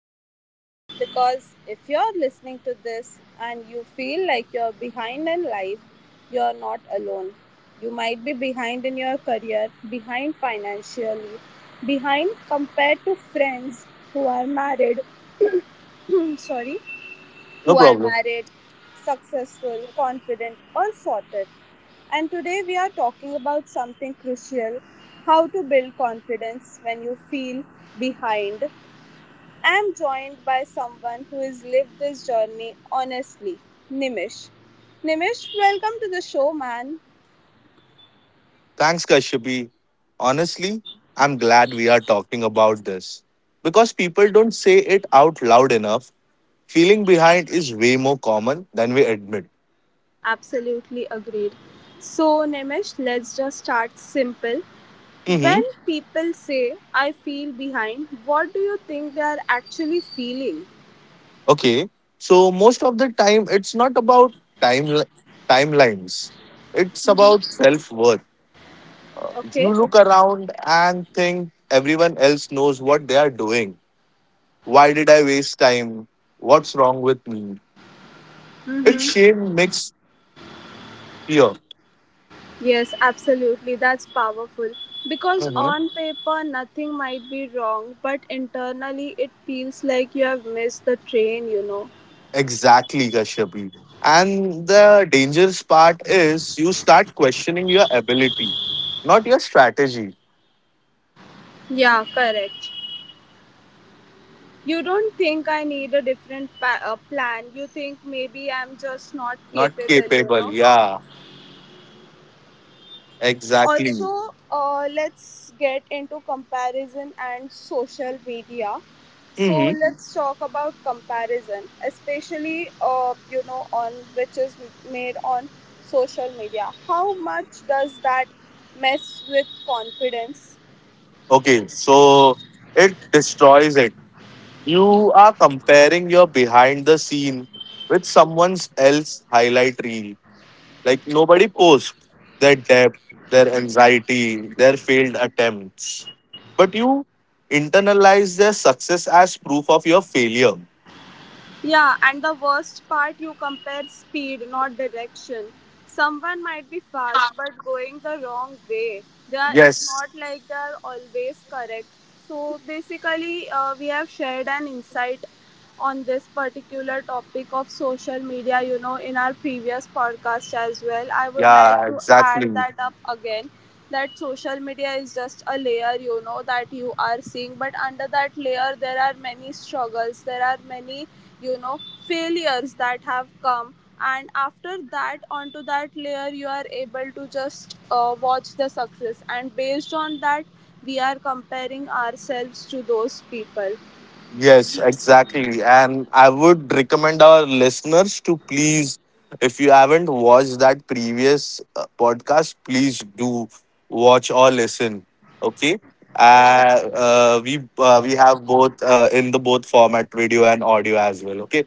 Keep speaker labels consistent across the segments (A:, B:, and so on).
A: personal because if you're listening to this and you feel like you're behind in life, you're not alone. You might be behind in your career, behind financially, behind compared to friends who are married, sorry,
B: No
A: who are
B: problem.
A: married, successful, confident, or sorted. And today we are talking about something crucial: how to build confidence when you feel behind. I am joined by someone who has lived this journey honestly, Nimish. Nimish, welcome to the show, man.
B: Thanks, Kashyapi. Honestly, I'm glad we are talking about this. Because people don't say it out loud enough, feeling behind is way more common than we admit.
A: Absolutely agreed. So, Nimish, let's just start simple. When
B: Mm-hmm.
A: people say, I feel behind, what do you think they are actually feeling?
B: Okay. So most of the time it's not about time timelines. It's about self-worth. You
A: Okay.
B: look around and think everyone else knows what they are doing. Why did I waste time? What's wrong with me? It's shame mixed fear.
A: Yes, absolutely. That's powerful. Because
B: Mm-hmm.
A: on paper, nothing might be wrong, but internally, it feels like you have missed the train, you know.
B: Exactly, Kashyapi. And the dangerous part is you start questioning your ability, not your strategy,
A: Yeah, correct. You don't think I need a different plan. You think maybe I'm just not
B: not
A: capable, you
B: capable.
A: know.
B: Yeah, exactly.
A: Also, let's get into comparison and social media. So
B: Hmm.
A: let's talk about comparison, especially, you know, on which is made on social media. How much does that mess with confidence?
B: Okay, so it destroys it. You are comparing your behind the scene with someone else's highlight reel. Like nobody posts their debt, their anxiety, their failed attempts. But you internalize their success as proof of your failure.
A: Yeah, and the worst part, you compare speed, not direction. Someone might be fast but going the wrong way. They are, it's
B: Yes.
A: not like they are always correct. So basically, we have shared an insight on this particular topic of social media, you know, in our previous podcast as well. I would like
B: Yeah,
A: to add
B: exactly.
A: that up again that social media is just a layer, you know, that you are seeing, but under that layer there are many struggles, there are many, you know, failures that have come, and after that onto that layer you are able to just watch the success, and based on that we are comparing ourselves to those people.
B: Yes, exactly. And I would recommend our listeners to please, if you haven't watched that previous podcast, please do watch or listen. Okay. Uh,
A: Yeah.
B: uh, we uh, we have both in the both format, video and audio as well. Okay.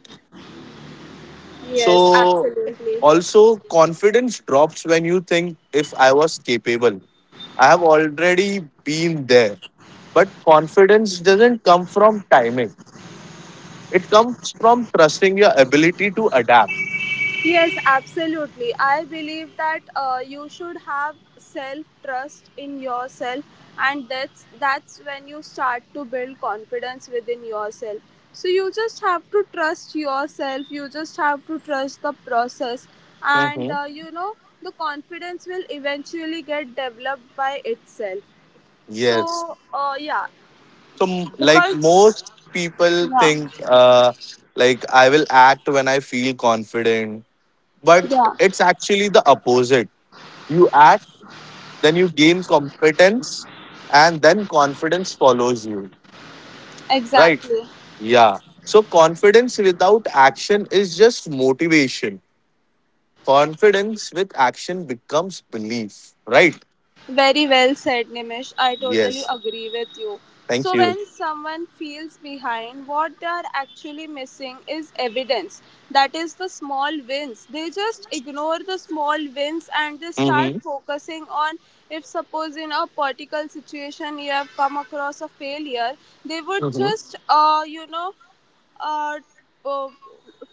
A: Yes,
B: So
A: absolutely.
B: also confidence drops when you think if I was capable. I have already been there. But confidence doesn't come from timing. It comes from trusting your ability to adapt.
A: Yes, absolutely. I believe that you should have self trust in yourself, and that's when you start to build confidence within yourself. So you just have to trust yourself. You just have to trust the process, and
B: Mm-hmm.
A: the confidence will eventually get developed by itself.
B: Yes.
A: So, yeah,
B: So, like
A: because
B: most people
A: yeah,
B: think, like I will act when I feel confident, but
A: yeah,
B: it's actually the opposite. You act, then you gain competence, and then confidence follows you. Right?
A: exactly.
B: Yeah. So, confidence without action is just motivation. Confidence with action becomes belief. Right?
A: Very well said, Nimish. I totally
B: Yes.
A: agree with you.
B: Thank
A: So,
B: you.
A: when someone feels behind, what they are actually missing is evidence. That is the small wins. They just ignore the small wins and they start
B: Mm-hmm.
A: focusing on, if suppose, in a particular situation you have come across a failure, they would
B: Mhm.
A: just, you know, uh, uh,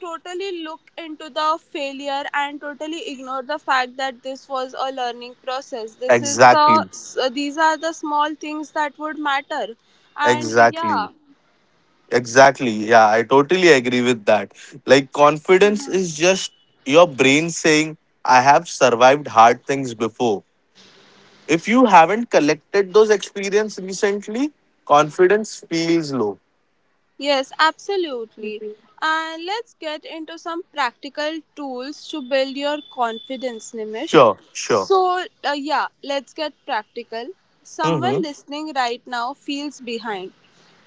A: totally look into the failure and totally ignore the fact that this was a learning process. This is the
B: Exactly.
A: s- These are the small things that would matter. And
B: Exactly.
A: yeah.
B: Exactly. Yeah, I totally agree with that. Like, confidence is just your brain saying, I have survived hard things before. If you haven't collected those experiences recently, confidence feels low.
A: Yes, absolutely. And let's get into some practical tools to build your confidence, Nimish.
B: Sure, sure.
A: So, yeah, let's get practical. Someone
B: Mm-hmm.
A: listening right now feels behind.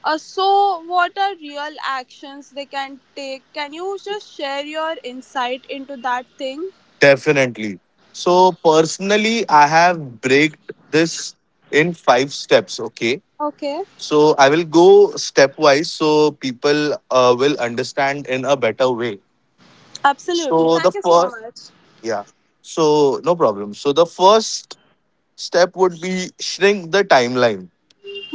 A: So, what are real actions they can take? Can you just share your insight into that thing?
B: Definitely. So, personally, I have breaked this in five steps. Okay.
A: Okay,
B: So I will go stepwise so people will understand in a better way.
A: absolutely.
B: So the
A: Thank you so
B: first,
A: much.
B: yeah. So no problem. So the first step would be shrink the timeline.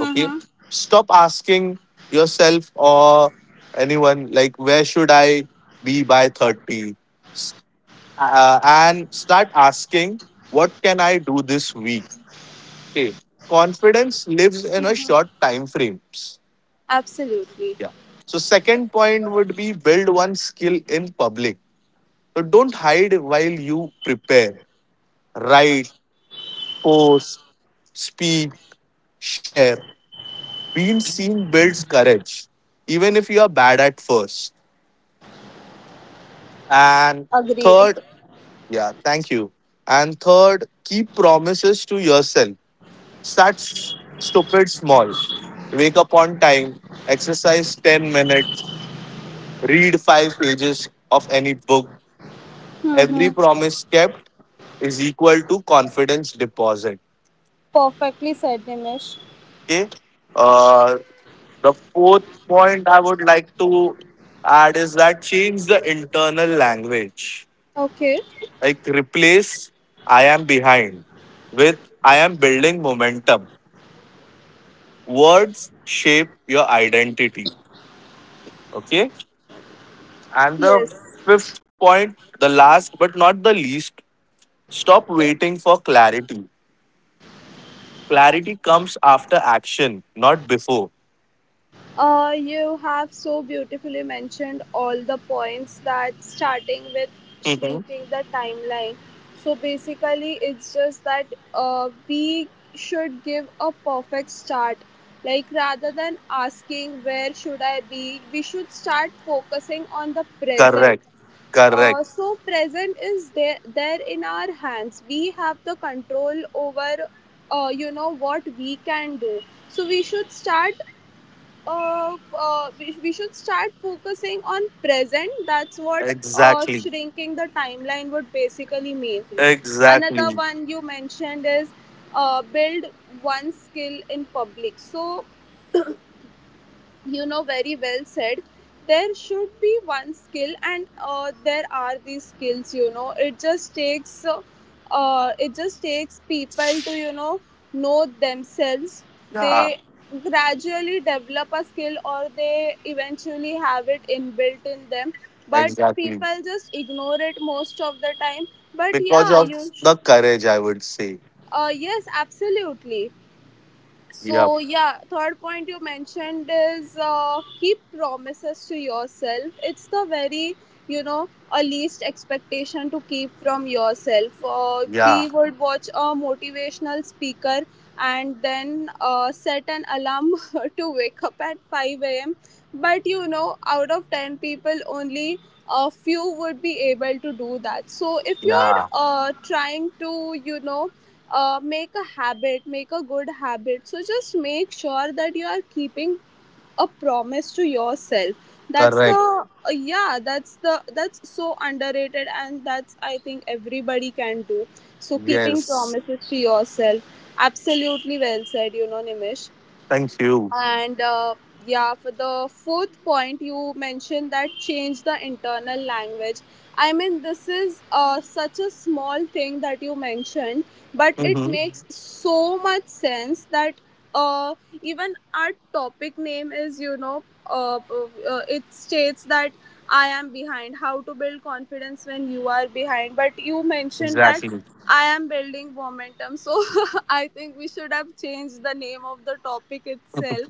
B: Okay. Stop asking yourself or anyone like where should I be by 30 S- and start asking what can I do this week. Okay. Confidence lives in a short time frames.
A: Absolutely.
B: Yeah. So second point would be build one skill in public. So don't hide while you prepare. Write, post, speak, share. Being seen builds courage, even if you are bad at first. And
A: Agreed.
B: third. Yeah, thank you. Keep promises to yourself. Start stupid small. Wake up on time, exercise 10 minutes, read 5 pages of any book. Every
A: Mm-hmm.
B: promise kept is equal to confidence deposit.
A: Perfectly said, Nimish.
B: Okay. Uh, the fourth point I would like to add is that change the internal language.
A: Okay.
B: Like replace I am behind with I am building momentum. Words shape your identity. Okay. And the
A: Yes,
B: fifth point, the last but not the least, stop waiting for clarity. Clarity comes after action, not before.
A: you have so beautifully mentioned all the points, that starting with shrinking the timeline. So basically, it's just that we should give a perfect start. Like rather than asking where should I be, we should start focusing on the present.
B: Correct. Correct.
A: So present is there in our hands. We have the control over, what we can do, so we should start, we should start focusing on present. That's what
B: Exactly.
A: shrinking the timeline would basically mean. Another
B: Exactly.
A: one you mentioned is, build one skill in public. So, you know, very well said. There should be one skill, and there are these skills. You know, it just takes, it just takes people to, you know themselves.
B: Yeah.
A: They gradually develop a skill, or they eventually have it inbuilt in them. But
B: Exactly.
A: people just ignore it most of the time. But
B: Because
A: yeah,
B: of the courage, I would say.
A: yes, absolutely.
B: Yep.
A: So yeah, third point you mentioned is, keep promises to yourself. It's the very, you know, a least expectation to keep from yourself.
B: Yeah.
A: We would watch a motivational speaker and then set an alarm to wake up at 5 a.m. But you know, out of 10 people, only a few would be able to do that. So if you're
B: Yeah.
A: trying to, you know, make a habit, make a good habit. So just make sure that you are keeping a promise to yourself. That's the
B: Correct.
A: yeah, that's the that's so underrated, and that's, I think, everybody can do. So, keeping
B: Yes.
A: promises to yourself. Absolutely well said, you know, Nimish.
B: Thank you.
A: And yeah, for the fourth point, you mentioned that change the internal language. I mean, this is such a small thing that you mentioned, but it
B: Mm-hmm.
A: makes so much sense that, uh, even our topic name is, you know, it states that I am behind, how to build confidence when you are behind. But you mentioned that
B: Exactly.
A: I am building momentum, so I think we should have changed the name of the topic itself.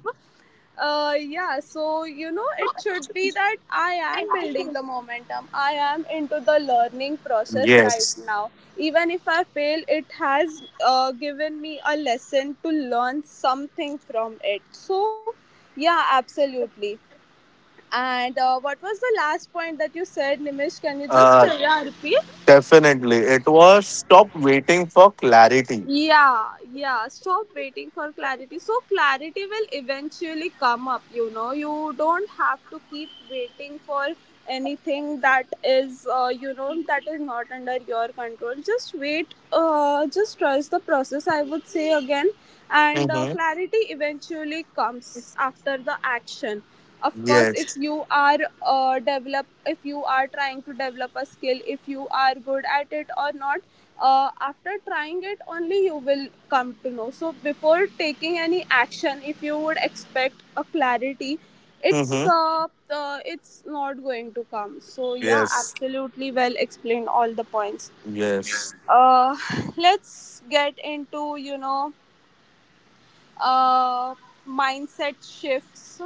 A: Yeah, so you know, it should be that I am building the momentum, I am into the learning process right
B: Yes.
A: now. Even if I fail, it has given me a lesson to learn something from it. So, yeah, absolutely. And what was the last point that you said, Nimish? Can you just,
B: Uh,
A: yeah, repeat?
B: Definitely. It was stop waiting for clarity.
A: Yeah, yeah. Stop waiting for clarity. So clarity will eventually come up, you know. You don't have to keep waiting for anything that is, that is not under your control. Just wait, just trust the process, I would say again, and
B: Mm-hmm.
A: clarity eventually comes after the action. Of course, if
B: Yes.
A: you are if you are trying to develop a skill, if you are good at it or not, after trying it only you will come to know. So before taking any action, if you would expect a clarity, it's,
B: Mm-hmm.
A: it's not going to come. So yeah,
B: Yes.
A: absolutely well explained all the points.
B: Yes.
A: Uh, let's get into, uh, mindset shifts.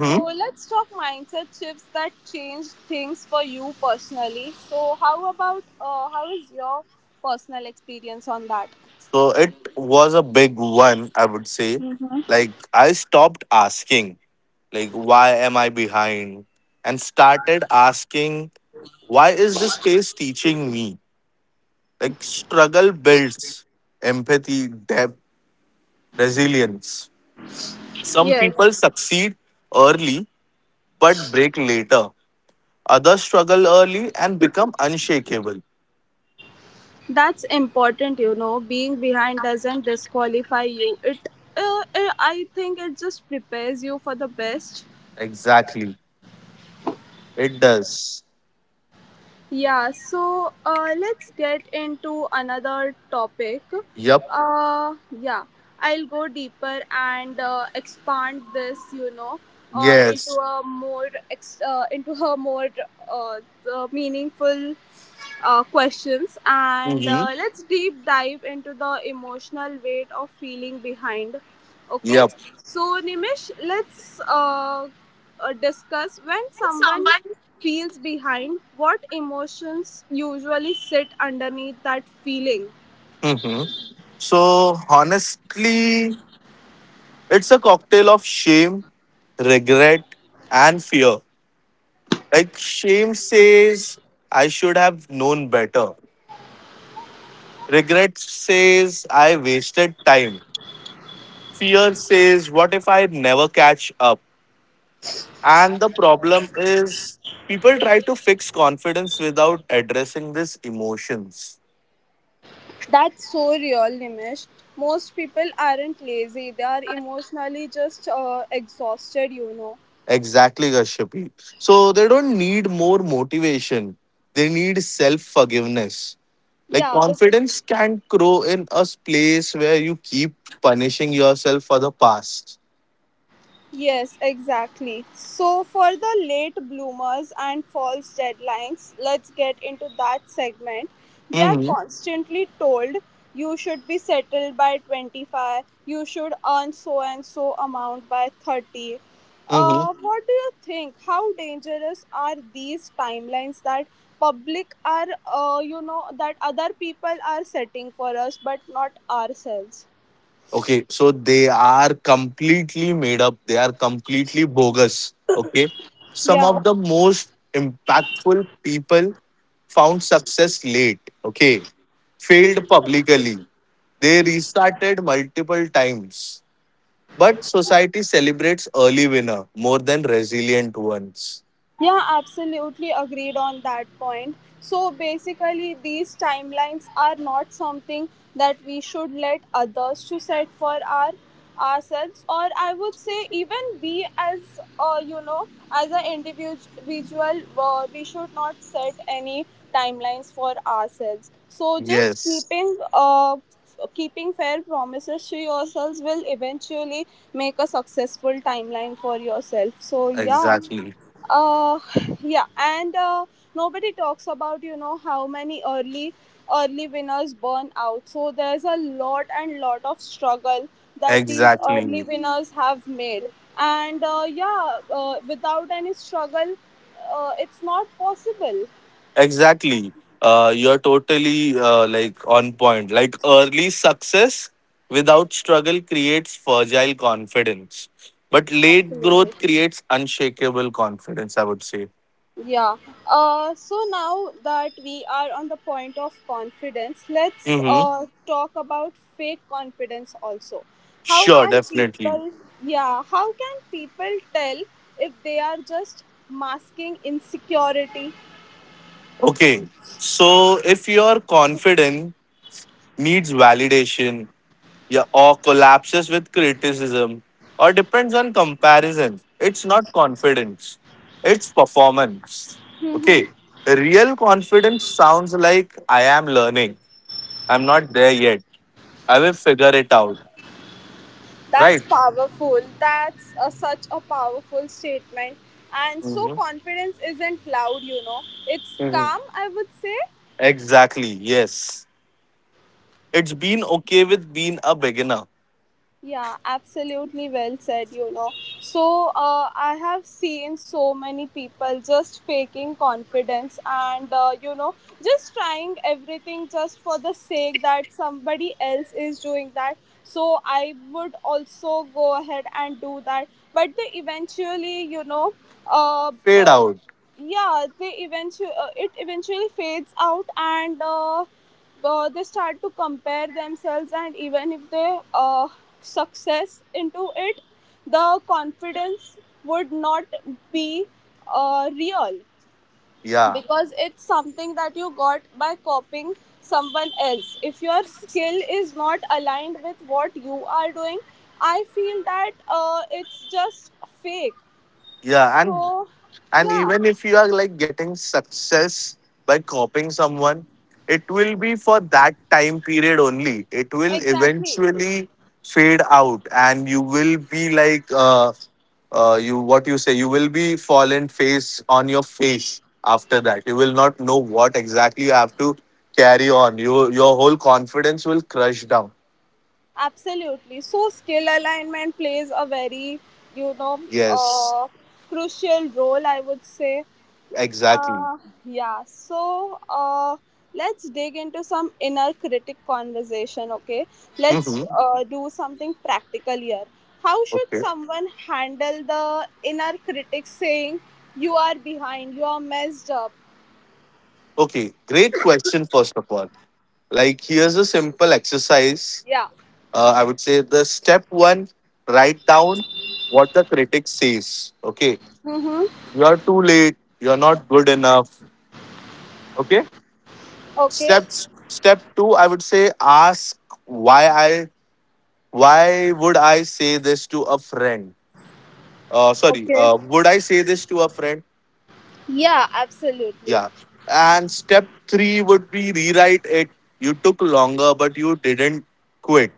A: So let's talk mindset shifts that change things for you personally. So how about, how is your personal experience on that?
B: So it was a big one, I would say. Like I stopped asking, like why am I behind, and started asking, why is this space teaching me? Like struggle builds empathy, depth, resilience. Some people
A: Yes,
B: succeed early but break later. Others struggle early and become unshakable.
A: that's important. You know, being behind doesn't disqualify you. It, I think, it just prepares you for the best.
B: Exactly. It does.
A: Yeah, so let's get into another topic.
B: Yep.
A: Uh, yeah, I'll go deeper and expand this, you know,
B: Yes.
A: into a more, uh, meaningful questions, and
B: Mm-hmm.
A: let's deep dive into the emotional weight of feeling behind, okay?
B: Yep.
A: So, Nimish, let's, discuss, when someone feels behind, what emotions usually sit underneath that feeling.
B: Mm-hmm. So honestly, it's a cocktail of shame, regret, and fear. Like shame says, I should have known better. Regret says, I wasted time. Fear says, what if I never catch up? And the problem is, people try to fix confidence without addressing these emotions.
A: That's so real, Nimish. Most people aren't lazy, they are emotionally just exhausted, you know.
B: Exactly, Gashyapi. So they don't need more motivation, they need self forgiveness. Like
A: Yeah, but.
B: confidence can grow in a place where you keep punishing yourself for the past.
A: Yes, exactly. So, for the late bloomers and false deadlines, let's get into that segment. We are
B: Mm-hmm.
A: constantly told you should be settled by 25, you should earn so and so amount by 30.
B: Mm-hmm.
A: What do you think? How dangerous are these timelines that public are, you know, that other people are setting for us but not ourselves?
B: Okay, so they are completely made up. They are completely bogus. Okay, some
A: Yeah.
B: of the most impactful people found success late. Okay, failed publicly. They restarted multiple times. But society celebrates early winner more than resilient ones.
A: Yeah, absolutely agreed on that point. So basically, these timelines are not something that we should let others to set for ourselves, or I would say even we as, as an individual, we should not set any timelines for ourselves. So just
B: Yes.
A: keeping, keeping fair promises to yourselves will eventually make a successful timeline for yourself. So
B: Exactly.
A: uh yeah, and nobody talks about, you know, how many early winners burn out, so there's a lot and lot of struggle that these early
B: Exactly.
A: winners have made, and yeah, without any struggle it's not possible.
B: Exactly. You're totally like on point. Like early success without struggle creates fragile confidence, but late
A: Absolutely.
B: growth creates unshakable confidence. I would say.
A: Yeah. So now that we are on the point of confidence, let's,
B: Mm-hmm.
A: talk about fake confidence also. How
B: Sure,
A: can
B: definitely.
A: people, yeah, how can people tell if they are just masking insecurity?
B: Okay. So if your confidence needs validation, yeah, or collapses with criticism, or depends on comparison. It's not confidence, it's performance. Okay, real confidence sounds like I am learning, I'm not there yet, I will figure it out,
A: That's
B: right?
A: powerful. That's such a powerful statement. And so
B: Mhm.
A: confidence isn't loud, you know. It's
B: Mhm.
A: calm, I would say.
B: Exactly, yes. It's been okay with being a beginner,
A: Yeah, absolutely well said, you know. So, I have seen so many people just faking confidence, and, you know, just trying everything just for the sake that somebody else is doing that. So, I would also go ahead and do that. But they eventually, you know, uh,
B: fade
A: uh,
B: out,
A: yeah, they eventually it eventually fades out, and they start to compare themselves, and even if they success into it, the confidence would not be real,
B: yeah.
A: because it's something that you got by copying someone else. If your skill is not aligned with what you are doing, I feel that, it's just fake.
B: Yeah, and
A: So
B: And
A: yeah,
B: even if you are like getting success by copying someone, it will be for that time period only. It will
A: exactly.
B: eventually fade out, and you will be like, you what you say, you will be fallen face on your face after that. You will not know what exactly you have to carry on. You, your whole confidence will crush down.
A: Absolutely. So skill alignment plays a very, you know,
B: Yes,
A: uh, crucial role, I would say.
B: exactly.
A: Uh, yeah. So uh, let's dig into some inner critic conversation. Okay.
B: Mm-hmm.
A: Let's do something practical here. How should
B: Okay.
A: someone handle the inner critic saying you are behind, you are messed up?
B: Okay. Great question, first of all. Like, here's a simple exercise.
A: Yeah.
B: I would say the step one, write down what the critic says. Okay.
A: Mm-hmm.
B: You're too late. You're not good enough. Okay.
A: Okay.
B: Step two, I would say, ask why I why would I say this to a friend? Sorry,
A: Okay.
B: would I say this to a friend?
A: Yeah, absolutely.
B: Yeah. And step three would be rewrite it. You took longer, but you didn't quit.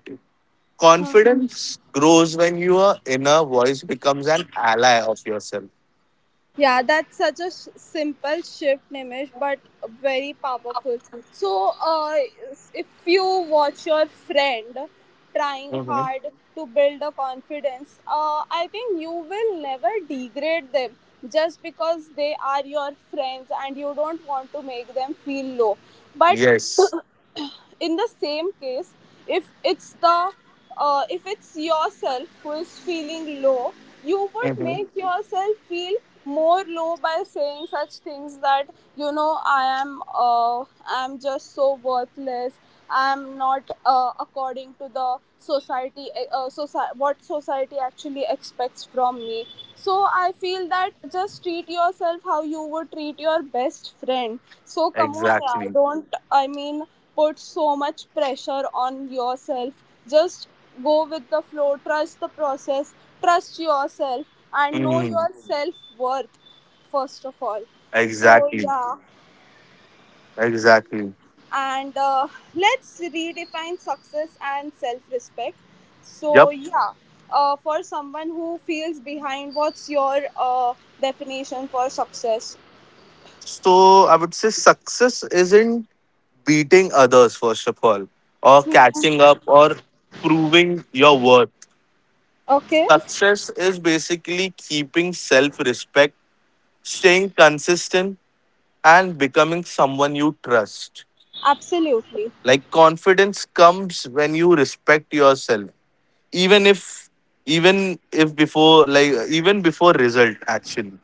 B: Confidence grows when your inner voice becomes an ally of yourself.
A: Yeah, that's such a simple shift, Nimish, but very powerful. So, if you watch your friend trying
B: Mhm.
A: hard to build a confidence, I think you will never degrade them just because they are your friends and you don't want to make them feel low. But
B: Yes.
A: in the same case, if it's the if it's yourself who is feeling low, you would
B: Mhm.
A: make yourself feel more low by saying such things that, you know, I am I'm just so worthless, I'm not according to the society, what society actually expects from me. So I feel that just treat yourself how you would treat your best friend. So come on, yeah,
B: Exactly.
A: don't put so much pressure on yourself. Just go with the flow, trust the process, trust yourself, and know
B: Mhm.
A: your self worth first of all. So
B: Exactly.
A: yeah.
B: Exactly.
A: And let's redefine success and self respect. So,
B: Yep.
A: yeah, for someone who feels behind, what's your definition for success?
B: So I would say success isn't beating others, first of all, or catching up, or proving your worth.
A: Okay,
B: Success is basically keeping self respect, staying consistent, and becoming someone you trust.
A: absolutely.
B: Like confidence comes when you respect yourself, even if even if before like even before result actually.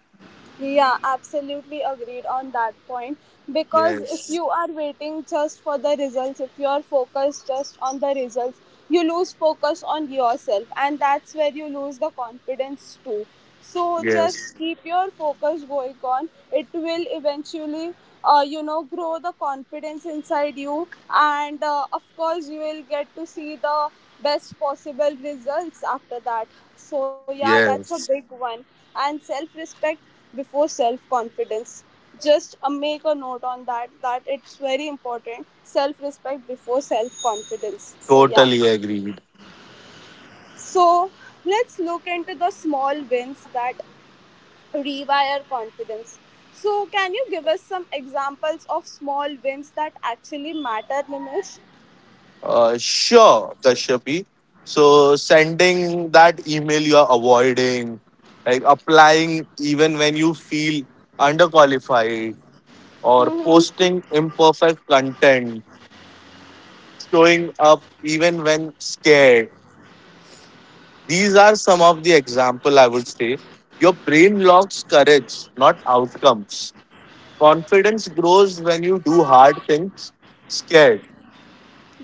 A: Yeah, absolutely agreed on that point. Because if
B: Yes.
A: you are waiting just for the results, if you are focused just on the results, you lose focus on yourself, and that's where you lose the confidence too. So just
B: Yes.
A: keep your focus going on. It will eventually, grow the confidence inside you, and of course, you will get to see the best possible results after that. So yeah, that's a big
B: Yes,
A: one, and self respect before self-confidence. Just make a note on that, that it's very important, self-respect before self-confidence. So yeah,
B: totally agreed.
A: so let's look into the small wins that rewire confidence. So can you give us some examples of small wins that actually matter, Nimish?
B: Sure, Kashyapi. So sending that email you are avoiding, like applying even when you feel underqualified, or posting imperfect content, showing up even when scared. These are some of the example, I would say. Your brain locks courage, not outcomes. Confidence grows when you do hard things scared.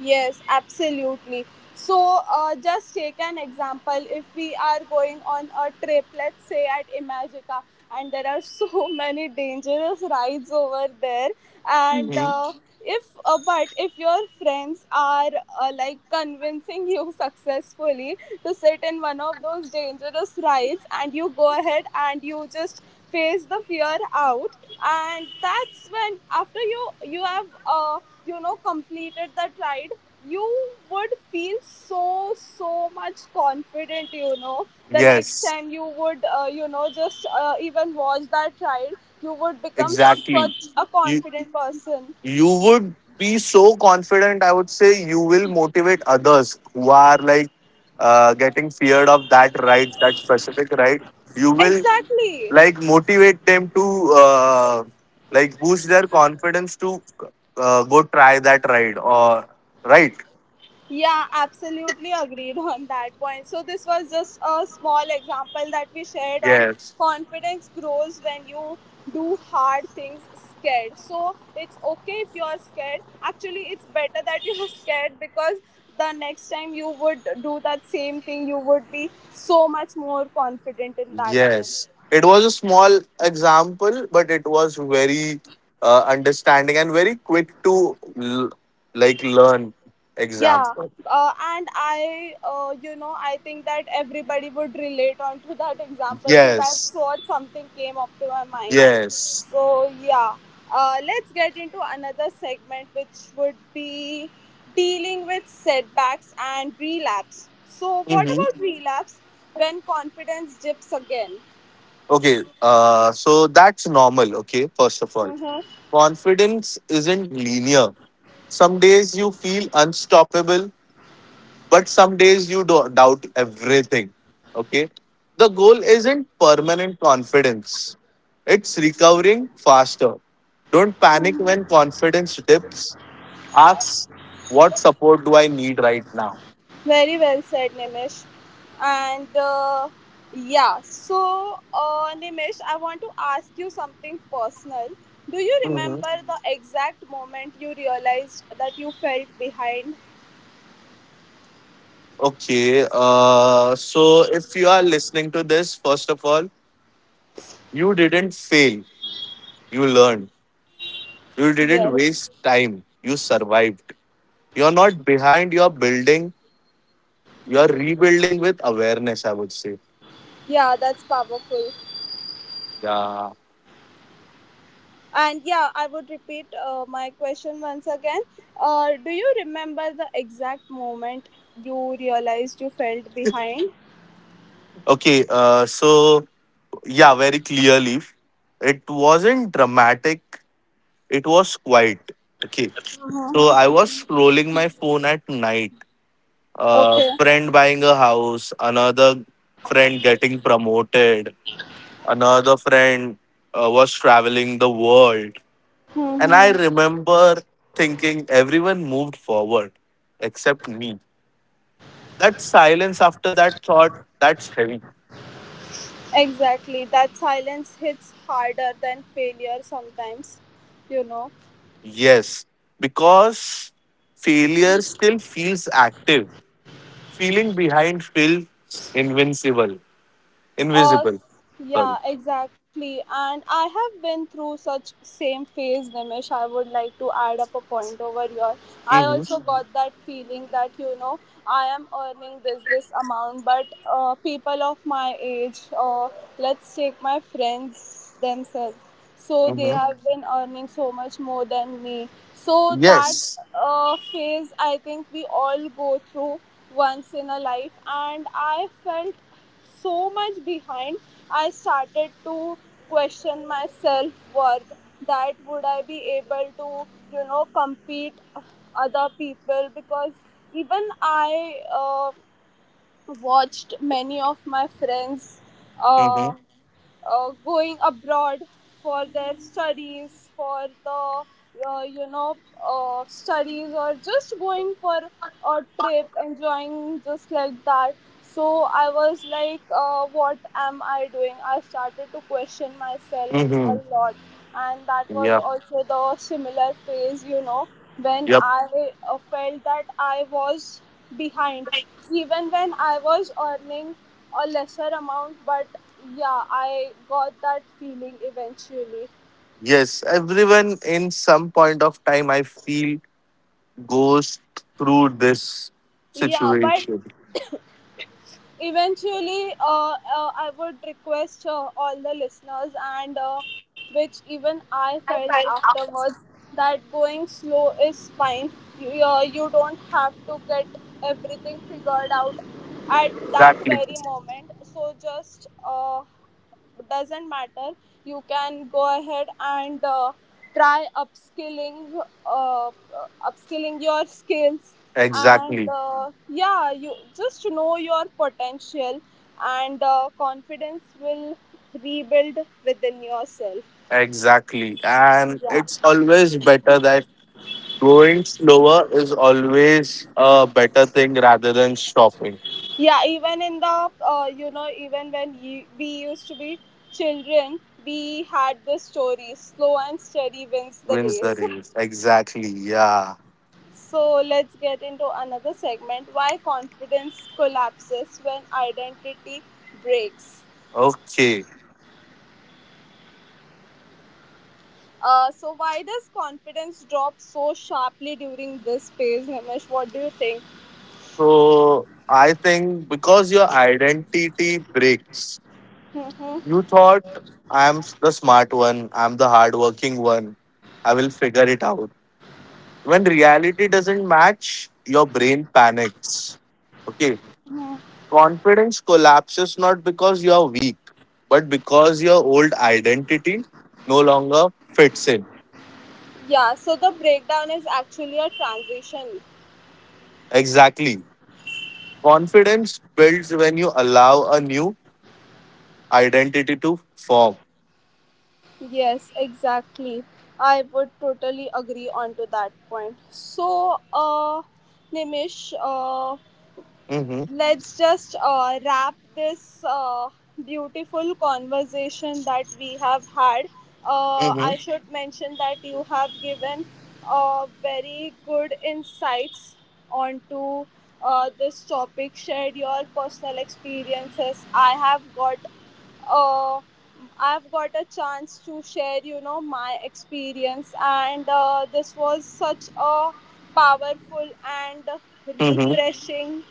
A: Yes, absolutely. So, just take an example. If we are going on a trip, let's say at Imagica, and there are so many dangerous rides over there, and
B: Hmm.
A: if but if your friends are like convincing you successfully to sit in one of those dangerous rides, and you go ahead and you just face the fear out. And that's when, after you have you know, completed that ride, you would feel so so much confident, you know. The next
B: Yes,
A: time you would you know just even watch that ride, you would become
B: exactly.
A: such a
B: You
A: confident person.
B: you would be so confident. I would say you will motivate others who are like getting feared of that right, that specific right. You will
A: Exactly.
B: like motivate them to like boost their confidence to go try that ride or right.
A: Yeah, absolutely agreed on that point. So, this was just a small example that we shared on
B: Yes.
A: confidence grows when you do hard things scared. So, it's okay if you are scared. Actually, it's better that you are scared, because the next time you would do that same thing, you would be so much more confident in that thing.
B: Yes. It was a small example, but it was very understanding and very quick to like learn
A: Yeah,
B: example.
A: and I you know, I think that everybody would relate onto that example, so that's
B: Yes.
A: what something came up to my mind.
B: Yes.
A: So yeah, let's get into another segment, which would be dealing with setbacks and relapse. So what
B: Hmm.
A: about relapse when confidence dips again?
B: Okay, so that's normal, okay, first of all. Confidence isn't linear. Some days you feel unstoppable, but some days you doubt everything, okay? The goal isn't permanent confidence, it's recovering faster. Don't panic when confidence dips. Ask, what support do I need right now?
A: Very well said, Nimish. And yeah, so Nimish, I want to ask you something personal. Do you
B: Hmm.
A: remember the exact moment you realized that you felt behind?
B: Okay, so if you are listening to this, first of all, you didn't fail. You learned. You didn't
A: Yes.
B: waste time. You survived. You're not behind. You're building. You're rebuilding with awareness, I would say.
A: Yeah, that's powerful.
B: Yeah.
A: And yeah, I would repeat my question once again. Do you remember the exact moment you realized you felt behind?
B: Okay. So, yeah, very clearly. It wasn't dramatic. It was quiet. Okay.
A: Huh.
B: So, I was scrolling my phone at night. A
A: Okay.
B: friend buying a house, another friend getting promoted, another friend was traveling the world. And I
A: Mm-hmm.
B: remember thinking everyone moved forward except me. That silence after that thought, that's heavy.
A: Exactly. That silence hits harder than failure sometimes, you know.
B: Yes, because failure still feels active. Feeling behind feels invincible.
A: Uh,
B: Invisible. Sorry.
A: yeah, exactly. And I have been through such same phase, Nimish. I would like to add up a point over here. I
B: Mm-hmm.
A: also got that feeling that, you know, I am earning this amount, but people of my age, let's take my friends themselves. So they
B: Mm-hmm.
A: have been earning so much more than me. So that
B: Yes.
A: phase, I think we all go through once in a life. And I felt so much behind, I started to question my self worth. That would I be able to, you know, compete other people? Because even I watched many of my friends.
B: Mm-hmm.
A: Uh, Going abroad for their studies, for the uh, you know studies, or just going for a trip, enjoying just like that. So I was like, what am I doing? I started to question myself a
B: Mm-hmm.
A: lot, and that was
B: Yeah.
A: also the similar phase, you know, when
B: Yep.
A: I felt that I was behind, even when I was earning a lesser amount, but yeah, I got that feeling eventually.
B: Yes. Everyone in some point of time, I feel, goes through this
A: Yeah, but
B: situation.
A: eventually, I would request all the listeners, and which even I felt afterwards, that going slow is fine. You don't have to get everything figured out at that
B: Exactly.
A: very moment. So just doesn't matter, you can go ahead and try uh, upskilling your skills, and
B: Exactly.
A: yeah, you just know your potential, and confidence will rebuild within yourself.
B: Exactly. And it's always better that going slower is always a better thing rather than stopping.
A: Yeah, even in the you know, even when we used to be children, we had the story slow and steady wins the
B: Wins the
A: race.
B: race. Exactly. Yeah.
A: So let's get into another segment, why confidence collapses when identity breaks.
B: Okay.
A: So why does confidence drop so sharply during this phase, Nimish? What do you think?
B: So I think because your identity breaks,
A: Mm-hmm.
B: you thought I'm the smart one, I'm the hardworking one, I will figure it out. When reality doesn't match, your brain panics. Okay. Confidence collapses not because you are weak, but because your old identity no longer fits in.
A: Yeah, so the breakdown is actually a transition.
B: Exactly. Confidence builds when you allow a new identity to form.
A: Yes, exactly. I would totally agree onto that point. So, Nimish,
B: Hmm.
A: let's just wrap this beautiful conversation that we have had.
B: Hmm.
A: I should mention that you have given very good insights onto this topic, shared your personal experiences. I have got uh, I've got a chance to share, you know, my experience, and this was such a powerful and
B: Hmm.
A: refreshing,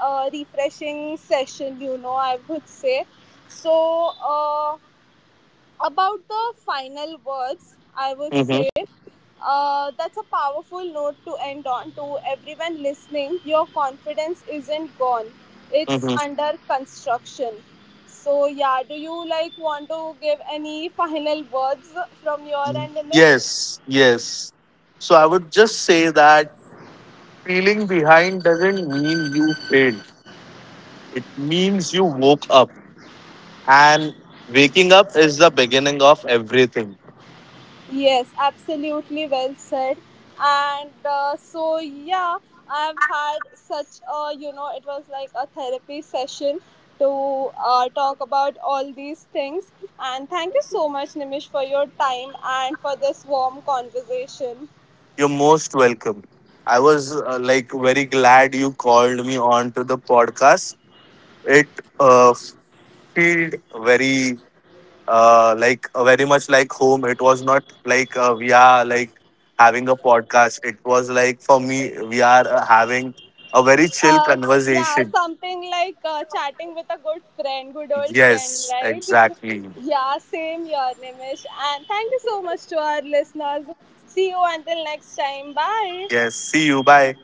A: refreshing session, you know, I would say. So about the final words, I would
B: Hmm.
A: say that's a powerful note to end on to everyone listening. Your confidence isn't gone, it's
B: Hmm.
A: under construction. So, yeah, do you like want to give any final words from your end, Nimish?
B: Yes, yes. So I would just say that feeling behind doesn't mean you failed. It means you woke up, and waking up is the beginning of everything.
A: Yes, absolutely well said. And so, yeah, I've had such a, you know, it was like a therapy session to talk about all these things. And thank you so much, Nimish, for your time and for this warm conversation.
B: You're most welcome. I was like very glad you called me on to the podcast. It uh, felt very like very much like home. It was not like we are like having a podcast. It was like for me we are having a very chill
A: Uh, yeah,
B: conversation.
A: something like chatting with a good friend, good old friend,
B: Yes,
A: right?
B: exactly.
A: Yeah, same here, Nimish. And thank you so much to our listeners. See you until next time. Bye.
B: Yes. See you. Bye.